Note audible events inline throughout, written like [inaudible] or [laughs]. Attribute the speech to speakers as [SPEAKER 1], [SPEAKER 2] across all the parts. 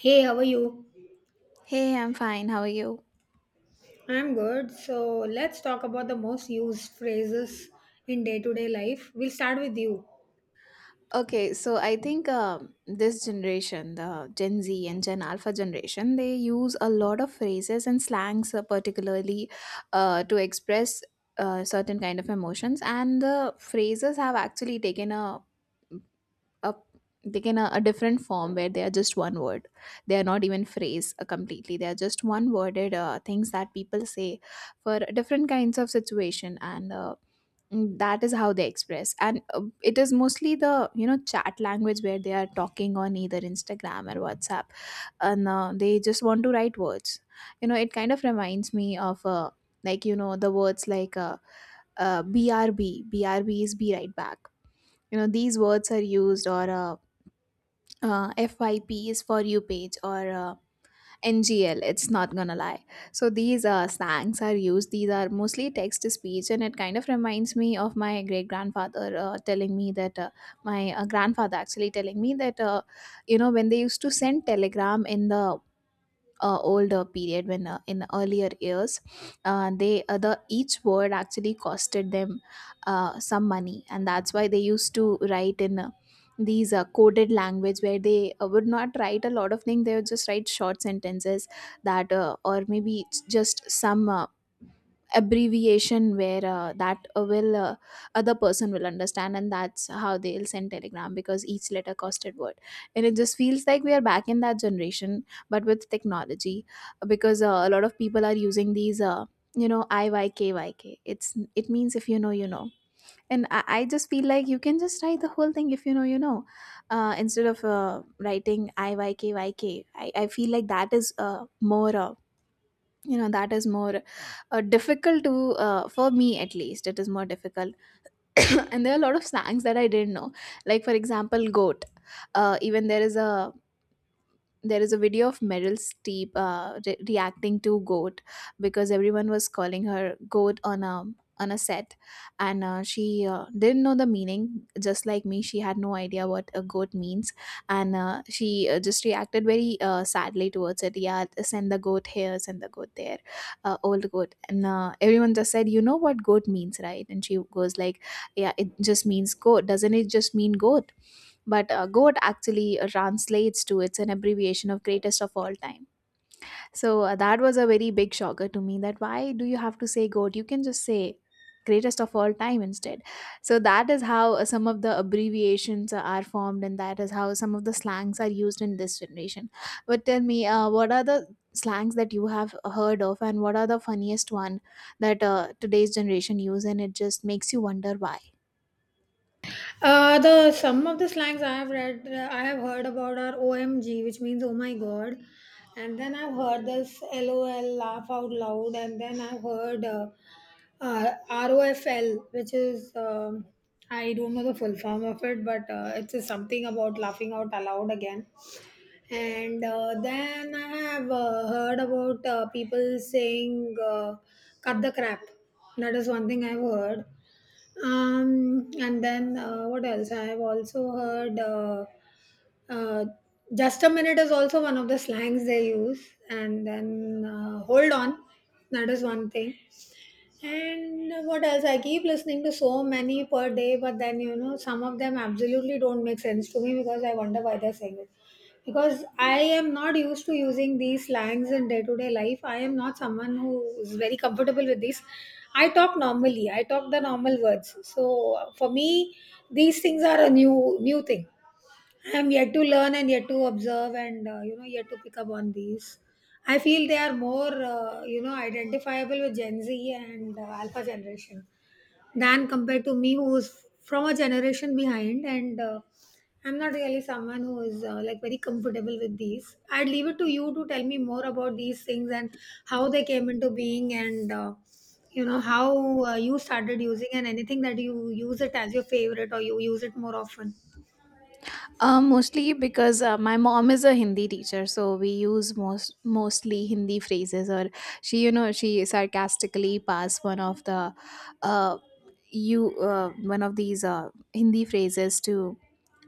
[SPEAKER 1] Hey, how are you?
[SPEAKER 2] Hey, I'm fine. How are you?
[SPEAKER 1] I'm good. So let's talk about the most used phrases in day-to-day life. We'll start with you.
[SPEAKER 2] Okay, so I think this generation, the Gen Z and Gen Alpha generation, they use a lot of phrases and slangs, particularly to express certain kind of emotions. And the phrases have actually a taken a different form where they are just one word. They are not even phrase completely. They are just one worded things that people say for different kinds of situation. That is how they express, and it is mostly the chat language where they are talking on either Instagram or WhatsApp, and they just want to write words. You know, it kind of reminds me of the words like BRB. BRB is be right back. You know, these words are used. Or FYP is for you page. Or NGL, it's not gonna lie. So these slangs are used. These are mostly text to speech, and it kind of reminds me of my great grandfather telling me that my grandfather actually telling me that when they used to send telegram in the older period, when in earlier years the each word actually costed them some money, and that's why they used to write in these coded language where they would not write a lot of things. They would just write short sentences that or maybe it's just some abbreviation where that will other person will understand, and that's how they'll send telegram, because each letter costed word. And it just feels like we are back in that generation, but with technology, because a lot of people are using these IYKYK. It's it means if you know you know. And I just feel like you can just write the whole thing, if you know you know, instead of writing IYKYK. I feel like that is more you know that is more difficult to for me, at least, it is more difficult. [coughs] And there are a lot of slangs that I didn't know, like for example goat. Even there is a video of Meryl Streep reacting to goat, because everyone was calling her goat on a set, and she didn't know the meaning. Just like me, she had no idea what a goat means, and she just reacted very sadly towards it. "Yeah, send the goat here, send the goat there, old goat," and everyone just said, "You know what goat means, right?" And she goes like, "Yeah, it just means goat. Doesn't it just mean goat?" But goat actually translates to, it's an abbreviation of greatest of all time. So that was a very big shocker to me, that why do you have to say goat, you can just say greatest of all time instead. So that is how some of the abbreviations are formed, and that is how some of the slangs are used in this generation. But tell me, what are the slangs that you have heard of, and what are the funniest one that today's generation use, and it just makes you wonder why.
[SPEAKER 1] The some of the slangs I have heard about are OMG, which means oh my god. And then I've heard this LOL, laugh out loud. And then I've heard ROFL, which is I don't know the full form of it, but it's something about laughing out aloud again. And then I have heard about people saying, cut the crap. That is one thing I've heard. And then what else? I've also heard uh, just a minute is also one of the slangs they use. And then hold on. That is one thing. And what else? I keep listening to so many per day, but then some of them absolutely don't make sense to me, because I wonder why they're saying it. Because I am not used to using these slangs in day to day life. I am not someone who is very comfortable with these. I talk normally. I talk the normal words. So for me, these things are a new thing. I'm yet to learn and yet to observe, and yet to pick up on these. I feel they are more identifiable with Gen Z and Alpha generation than compared to me, who is from a generation behind, and I'm not really someone who is like very comfortable with these. I'd leave it to you to tell me more about these things and how they came into being, and how you started using, and anything that you use it as your favorite or you use it more often.
[SPEAKER 2] Mostly because my mom is a Hindi teacher, so we use mostly Hindi phrases. Or she, you know, she sarcastically passed one of the, uh, you one of these Hindi phrases to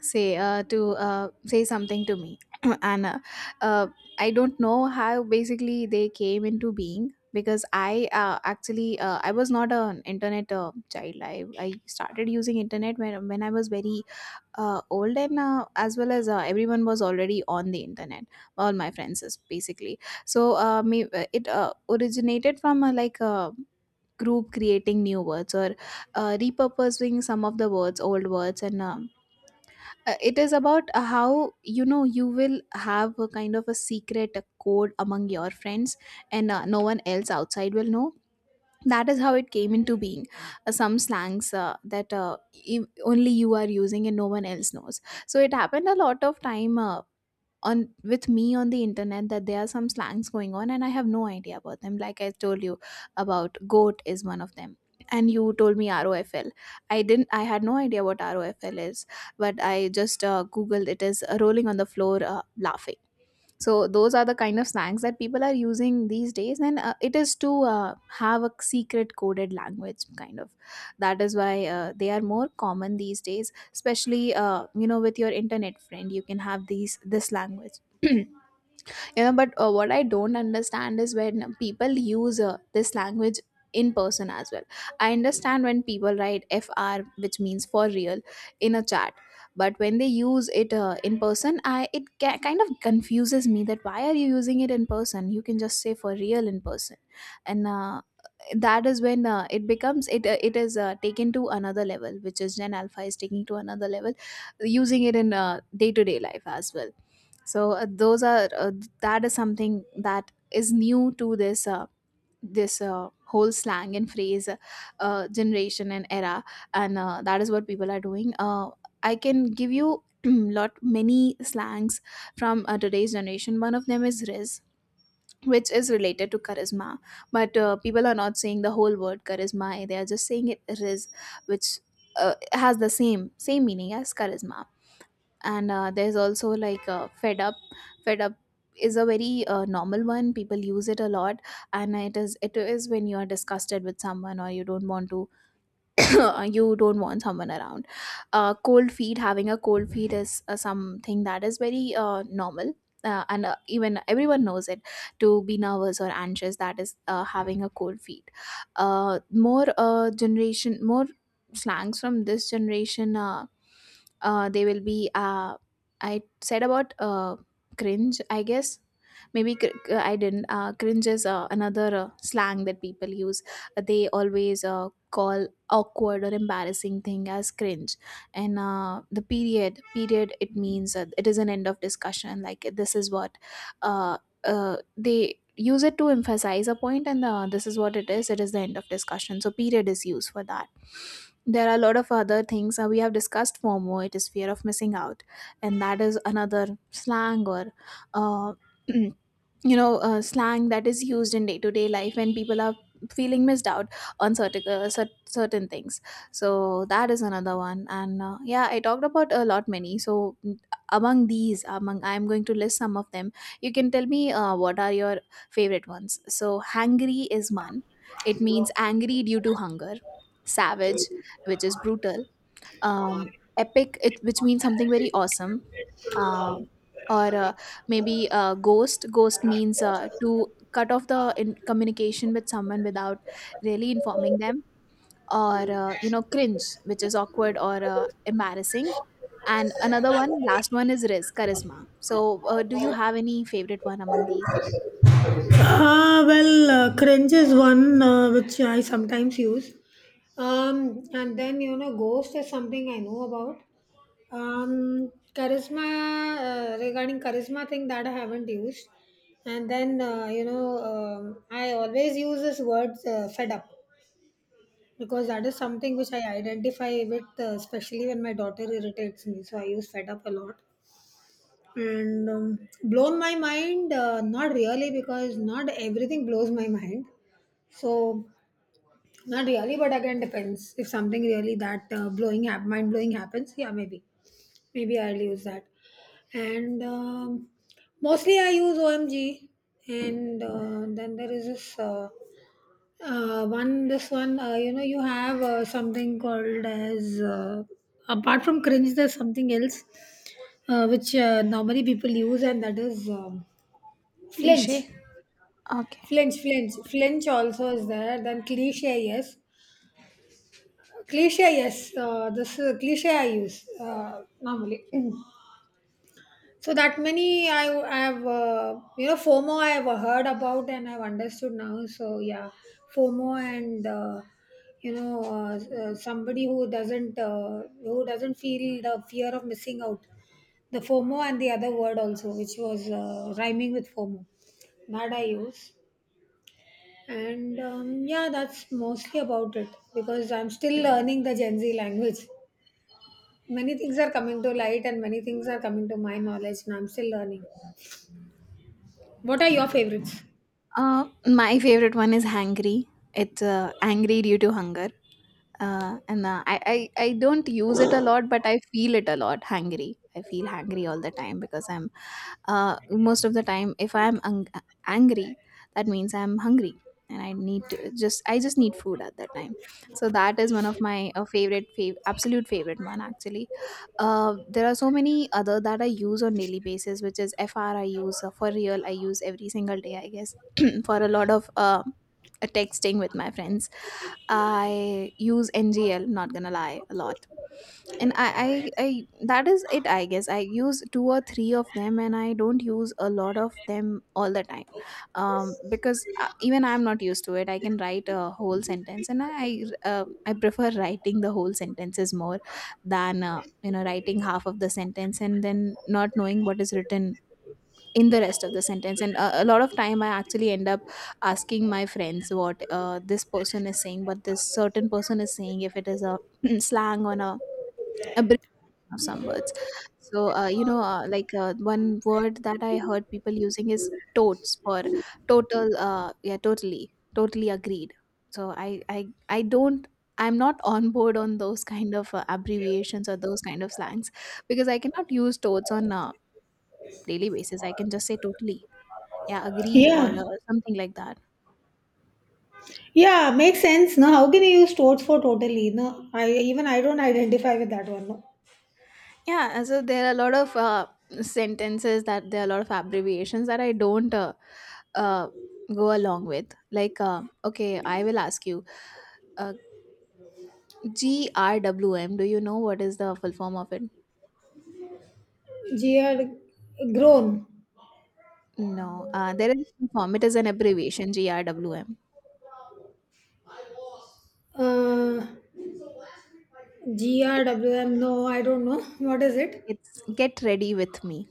[SPEAKER 2] say something to me, [clears throat] and uh, I don't know how basically they came into being, because I was not an internet child. I started using internet when I was very old, and as well as everyone was already on the internet, all my friends is basically. So it originated from like a group creating new words, or repurposing some of the words old words. And it is about how, you know, you will have a kind of a secret code among your friends, and no one else outside will know. That is how it came into being, some slangs that only you are using and no one else knows. So it happened a lot of time on with me on the internet, that there are some slangs going on and I have no idea about them. Like I told you about, goat is one of them. And you told me ROFL. I didn't, I had no idea what ROFL is, but I just googled it. Is rolling on the floor laughing. So those are the kind of slangs that people are using these days. And it is to have a secret coded language kind of. That is why they are more common these days, especially with your internet friend, you can have these this language. [clears throat] You know, but what I don't understand is when people use this language in person as well. I understand when people write FR, which means for real, in a chat, but when they use it in person, I it ca- kind of confuses me, that why are you using it in person, you can just say for real in person. And that is when it becomes it it is taken to another level, which is Gen Alpha is taking to another level, using it in day-to-day life as well. So those are that is something that is new to this whole slang and phrase generation and era. And that is what people are doing. I can give you [clears throat] lot many slangs from today's generation. One of them is riz, which is related to charisma, but people are not saying the whole word charisma, they are just saying it riz, which uh, has the same meaning as charisma. And there's also like fed up. Fed up is a very normal one, people use it a lot. And it is when you are disgusted with someone, or you don't want to [coughs] [clears throat] you don't want someone around. Cold feet, having a cold feet is something that is very normal. And Even everyone knows it to be nervous or anxious, that is having a cold feet. More slangs from this generation, they will be I said about cringe, I guess. Maybe cr- I didn't Cringe is another slang that people use. They always call awkward or embarrassing thing as cringe. And the period, it means it is an end of discussion, like this is what uh, they use it to emphasize a point, and this is what it is the end of discussion, so period is used for that. There are a lot of other things we have discussed. FOMO, it is fear of missing out, and that is another slang or uh, [clears throat] slang that is used in day-to-day life when people are feeling missed out on certain certain things. So that is another one. And yeah, I talked about a lot many. Among these, among I'm going to list some of them, you can tell me what are your favorite ones. So hangry is one, it means angry due to hunger. Savage, which is brutal. Epic, which means something very awesome. Uh, or maybe Ghost. Ghost means to cut off the communication with someone without really informing them. Or you know, cringe, which is awkward or embarrassing. And another one, last one, is risk, charisma. So, do you have any favorite one among these?
[SPEAKER 1] Well, cringe is one which I sometimes use. And then, you know, ghost is something I know about. Charisma, regarding charisma thing that I haven't used. And then, you know, I always use this word fed up, because that is something which I identify with, especially when my daughter irritates me. So I use fed up a lot. And blown my mind, not really, because not everything blows my [laughs] mind, so not really, but again depends. If something really that mind blowing happens, yeah, maybe, maybe I'll use that. And mostly I use OMG, and then there is this one. This one, you know, you have something called as, apart from cringe, there's something else which normally people use, and that is flinch.
[SPEAKER 2] Cliche. Okay.
[SPEAKER 1] Flinch also is there. Then cliche, yes. Cliche, yes. This cliche I use normally. [clears throat] So that many, I have, you know, FOMO I have heard about and I've understood now. So yeah, FOMO, and somebody who doesn't, who doesn't feel the fear of missing out. The FOMO and the other word also, which was rhyming with FOMO, that I use. And yeah, that's mostly about it, because I'm still learning the Gen Z language. Many things are coming to light and many things are coming to my knowledge, and I'm still learning. What are your favorites?
[SPEAKER 2] My favorite one is hangry, it's angry due to hunger. And I don't use it a lot, but I feel it a lot. Hungry, I feel hungry all the time, because I'm, uh, most of the time, if I'm angry, that means I'm hungry, and I need to just need food at that time. So that is one of my absolute favorite one. Actually, there are so many other that I use on daily basis, which is FR, I use for real. I use every single day, I guess, [clears throat] for a lot of texting with my friends. I use NGL, not gonna lie, a lot. And that is it, I guess. I use two or three of them and I don't use a lot of them all the time. Because even I'm not used to it. I can write a whole sentence and I prefer writing the whole sentences more than writing half of the sentence and then not knowing what is written in the rest of the sentence and a lot of time I actually end up asking my friends what this person is saying but this certain person is saying if it is a [clears throat] slang on a of some words. So, one word that I heard people using is totes for total. Yeah, totally agreed. So I don't. I'm not on board on those kind of abbreviations or those kind of slangs because I cannot use totes on a daily basis. I can just say totally, yeah, agreed or
[SPEAKER 1] Yeah.
[SPEAKER 2] something like that.
[SPEAKER 1] Yeah, makes sense. No, how can you use totes for totally? No, I don't identify with that one. No.
[SPEAKER 2] Yeah, so there are a lot of sentences that there are a lot of abbreviations that I don't uh, go along with. Like, okay, I will ask you, uh, GRWM, do you know what is the full form of it?
[SPEAKER 1] GR grown.
[SPEAKER 2] No, there is a form. It is an abbreviation, GRWM.
[SPEAKER 1] Uh
[SPEAKER 2] It,
[SPEAKER 1] GRWM. No, I don't know. [laughs] What is it?
[SPEAKER 2] it's get ready with me.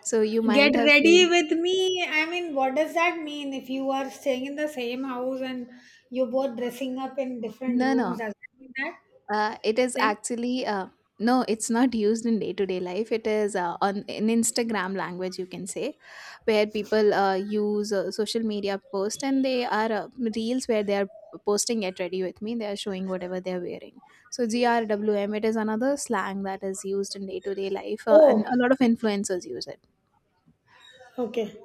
[SPEAKER 2] So you
[SPEAKER 1] Get
[SPEAKER 2] might have
[SPEAKER 1] ready
[SPEAKER 2] seen.
[SPEAKER 1] with me. I mean, what does that mean? If you are staying in the same house and you're both dressing up in different
[SPEAKER 2] No,
[SPEAKER 1] rooms,
[SPEAKER 2] no.
[SPEAKER 1] does that mean that?
[SPEAKER 2] It is
[SPEAKER 1] Then
[SPEAKER 2] actually no, it's not used in day to day life. It is on in Instagram language, you can say, where people use social media post and they are reels where they are posting get ready with me. They are showing whatever they are wearing. So GRWM, it is another slang that is used in day to day life, and
[SPEAKER 1] oh,
[SPEAKER 2] a lot of influencers use it.
[SPEAKER 1] okay.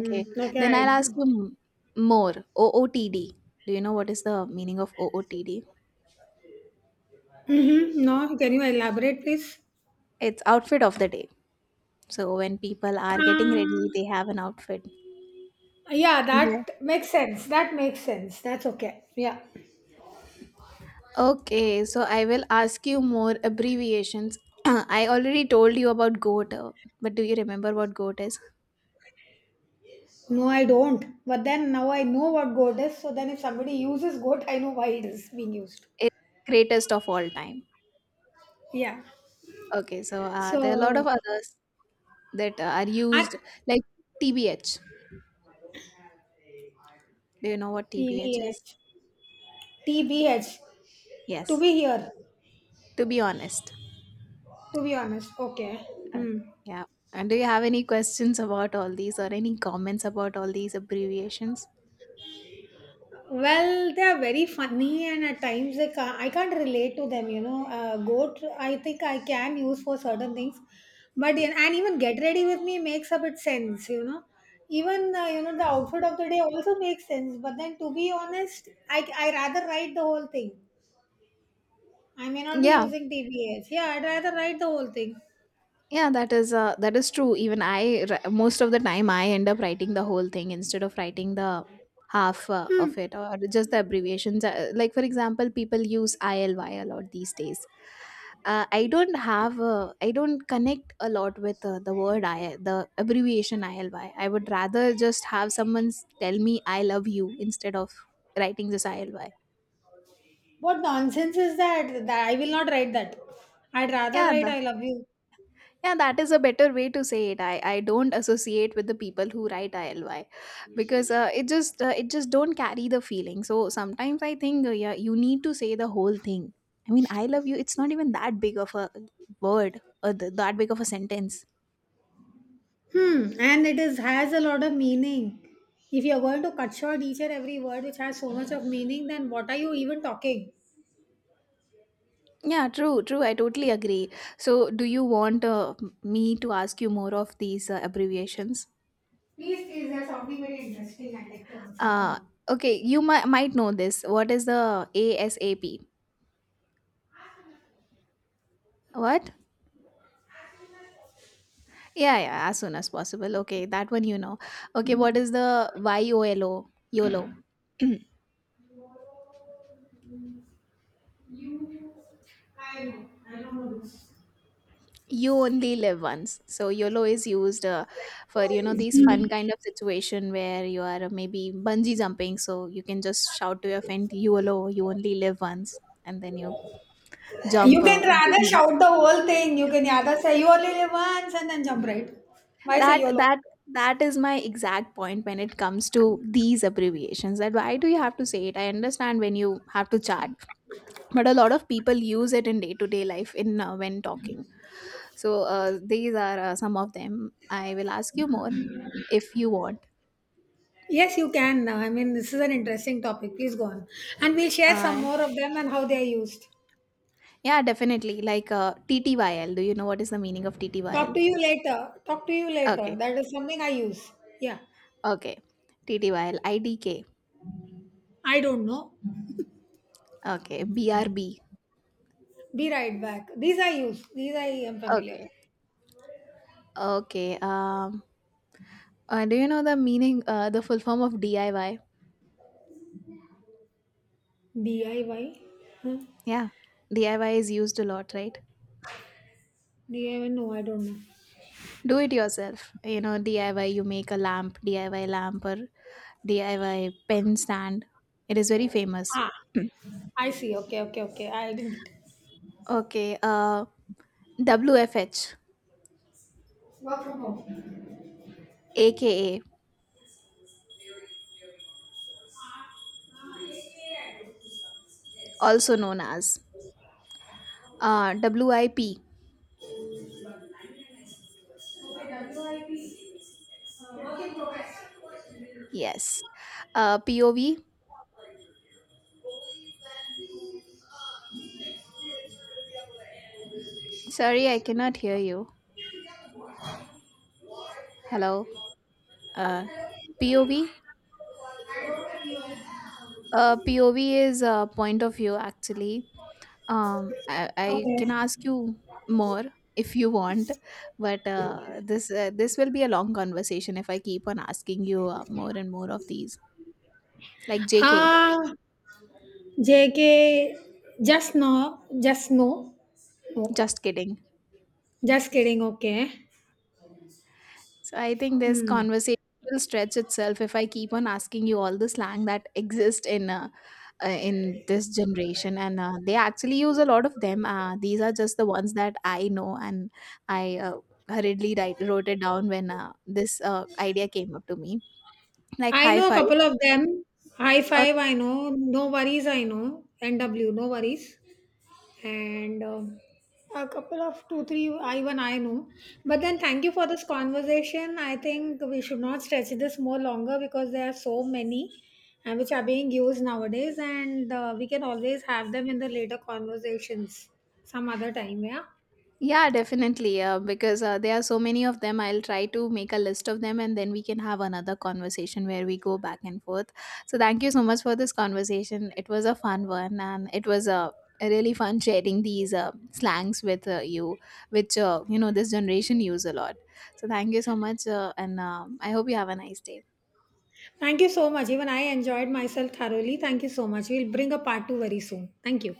[SPEAKER 2] Okay,
[SPEAKER 1] Okay.
[SPEAKER 2] then I'll
[SPEAKER 1] I,
[SPEAKER 2] ask you more. OOTD. Do you know what is the meaning of OOTD?
[SPEAKER 1] mm-hmm. No, can you elaborate, please?
[SPEAKER 2] It's outfit of the day. So when people are getting
[SPEAKER 1] Uh,
[SPEAKER 2] ready, they have an outfit.
[SPEAKER 1] yeah,
[SPEAKER 2] Yeah.
[SPEAKER 1] that makes sense. That makes sense. That's okay. Yeah.
[SPEAKER 2] Okay, so I will ask you more abbreviations. [clears throat] I already told you about goat, but do you remember what goat is?
[SPEAKER 1] No, I don't. But then now I know what goat is. So then if somebody uses goat, I know why it is being used.
[SPEAKER 2] It's greatest of all time.
[SPEAKER 1] Yeah.
[SPEAKER 2] Okay, so there are a lot
[SPEAKER 1] So,
[SPEAKER 2] of others that are
[SPEAKER 1] I
[SPEAKER 2] used, like TBH. Do you know what
[SPEAKER 1] T
[SPEAKER 2] TBH
[SPEAKER 1] B
[SPEAKER 2] is?
[SPEAKER 1] H T B H To
[SPEAKER 2] Yes,
[SPEAKER 1] be here.
[SPEAKER 2] to be honest.
[SPEAKER 1] To be honest. Okay. Hmm.
[SPEAKER 2] Okay. Yeah. And do you have any questions about all these or any comments about all these abbreviations?
[SPEAKER 1] Well, they are very funny, and at times they ca I can't relate to them. You know, goat. I think I can use for certain things, but and even get ready with me makes a bit sense. You know, even the outfit of the day also makes sense. But then to be honest, I rather write the whole thing. I may not be
[SPEAKER 2] Yeah.
[SPEAKER 1] using TBH. Yeah, I'd rather write the whole thing.
[SPEAKER 2] Yeah, that is true. Most of the time, I end up writing the whole thing instead of writing the half of it or just the abbreviations. Like for example, people use ILY a lot these days. I don't have, I don't connect a lot with the abbreviation ILY. I would rather just have someone tell me I love you instead of writing this ILY.
[SPEAKER 1] What nonsense is that? That I will not write that. I'd rather
[SPEAKER 2] Yeah,
[SPEAKER 1] write I love you.
[SPEAKER 2] Yeah, that is a better way to say it. I don't associate with the people who write ILY because it just don't carry the feeling. So sometimes I think yeah, you need to say the whole thing. I mean, I love you. It's not even that big of a word or that big of a sentence.
[SPEAKER 1] Hmm, and it is has a lot of meaning. If you're going to cut short each and every word which has so much of meaning, then what are you even talking?
[SPEAKER 2] Yeah, true, true. I totally agree. So, do you want me to ask you more of these abbreviations?
[SPEAKER 1] Please, is there something very interesting I'd like to answer
[SPEAKER 2] Uh
[SPEAKER 1] from
[SPEAKER 2] okay, you might know this. What is the ASAP? What? Yeah, yeah, as soon as possible. Okay, that one you know. Okay, what is the YOLO? YOLO. [clears throat]
[SPEAKER 1] you? You, I know, I don't know this.
[SPEAKER 2] You only live once. So YOLO is used for you know these
[SPEAKER 1] Hmm.
[SPEAKER 2] fun kind of situation where you are maybe bungee jumping. So you can just shout to your friend YOLO. You only live once, and then you
[SPEAKER 1] You
[SPEAKER 2] jump.
[SPEAKER 1] can rather
[SPEAKER 2] Did
[SPEAKER 1] shout the whole thing. You can rather say you only live once and then jump right. Why say
[SPEAKER 2] that
[SPEAKER 1] YOLO?
[SPEAKER 2] that that is my exact point when it comes to these abbreviations. That why do you have to say it? I understand when you have to chat but a lot of people use it in day-to-day life in when talking so these are some of them I will ask you more if you want
[SPEAKER 1] Yes, you can. I mean, this is an interesting topic. Please go on. And we'll share some
[SPEAKER 2] uh,
[SPEAKER 1] more of them and how they are used.
[SPEAKER 2] yeah definitely like ttyl do you know what is the meaning of
[SPEAKER 1] Talk
[SPEAKER 2] ttyl
[SPEAKER 1] to you later. Talk to you later.
[SPEAKER 2] okay
[SPEAKER 1] That is something I use. Yeah.
[SPEAKER 2] okay ttyl idk
[SPEAKER 1] I don't know.
[SPEAKER 2] okay brb
[SPEAKER 1] Be right back. These I use. These I am familiar.
[SPEAKER 2] okay okay do you know the meaning the full form of diy
[SPEAKER 1] DIY? Huh?
[SPEAKER 2] yeah diy is used a lot right
[SPEAKER 1] DIY? No, I don't know.
[SPEAKER 2] do it yourself you know diy you make a lamp diy lamp or diy pen stand it is very famous
[SPEAKER 1] Ah, I see. Okay, okay, okay. I didn't get it.
[SPEAKER 2] okay wfh
[SPEAKER 1] Work from home.
[SPEAKER 2] aka also known as wip yes pov sorry I cannot hear you hello uh pov pov is a point of view actually. I can
[SPEAKER 1] Okay.
[SPEAKER 2] ask you more if you want, but this will be a long conversation if I keep on asking you more and more of these. Like JK,
[SPEAKER 1] Ah, JK. Just no. Just no. No.
[SPEAKER 2] just kidding.
[SPEAKER 1] Just kidding. Okay.
[SPEAKER 2] So I think this
[SPEAKER 1] Hmm.
[SPEAKER 2] conversation will stretch itself if I keep on asking you all the slang that exist in this generation, and they actually use a lot of them. These are just the ones that I know, and I hurriedly wrote it down when this idea came up to me. Like
[SPEAKER 1] I
[SPEAKER 2] high
[SPEAKER 1] know a
[SPEAKER 2] five.
[SPEAKER 1] couple of them. High five, I know. No worries, I know. NW, no worries. And a couple of two, three, I even I know. But then thank you for this conversation. I think we should not stretch this more longer, because there are so many which are being used nowadays, and we can always have them in the later conversations some other time. Yeah.
[SPEAKER 2] Yeah, definitely. Because there are so many of them, I'll try to make a list of them and then we can have another conversation where we go back and forth. So, thank you so much for this conversation. It was a fun one and it was a really fun sharing these slangs with you, which, this generation use a lot. So, thank you so much. And I hope you have a nice day.
[SPEAKER 1] Thank you so much. Even I enjoyed myself thoroughly. Thank you so much. We'll bring a part two very soon. Thank you.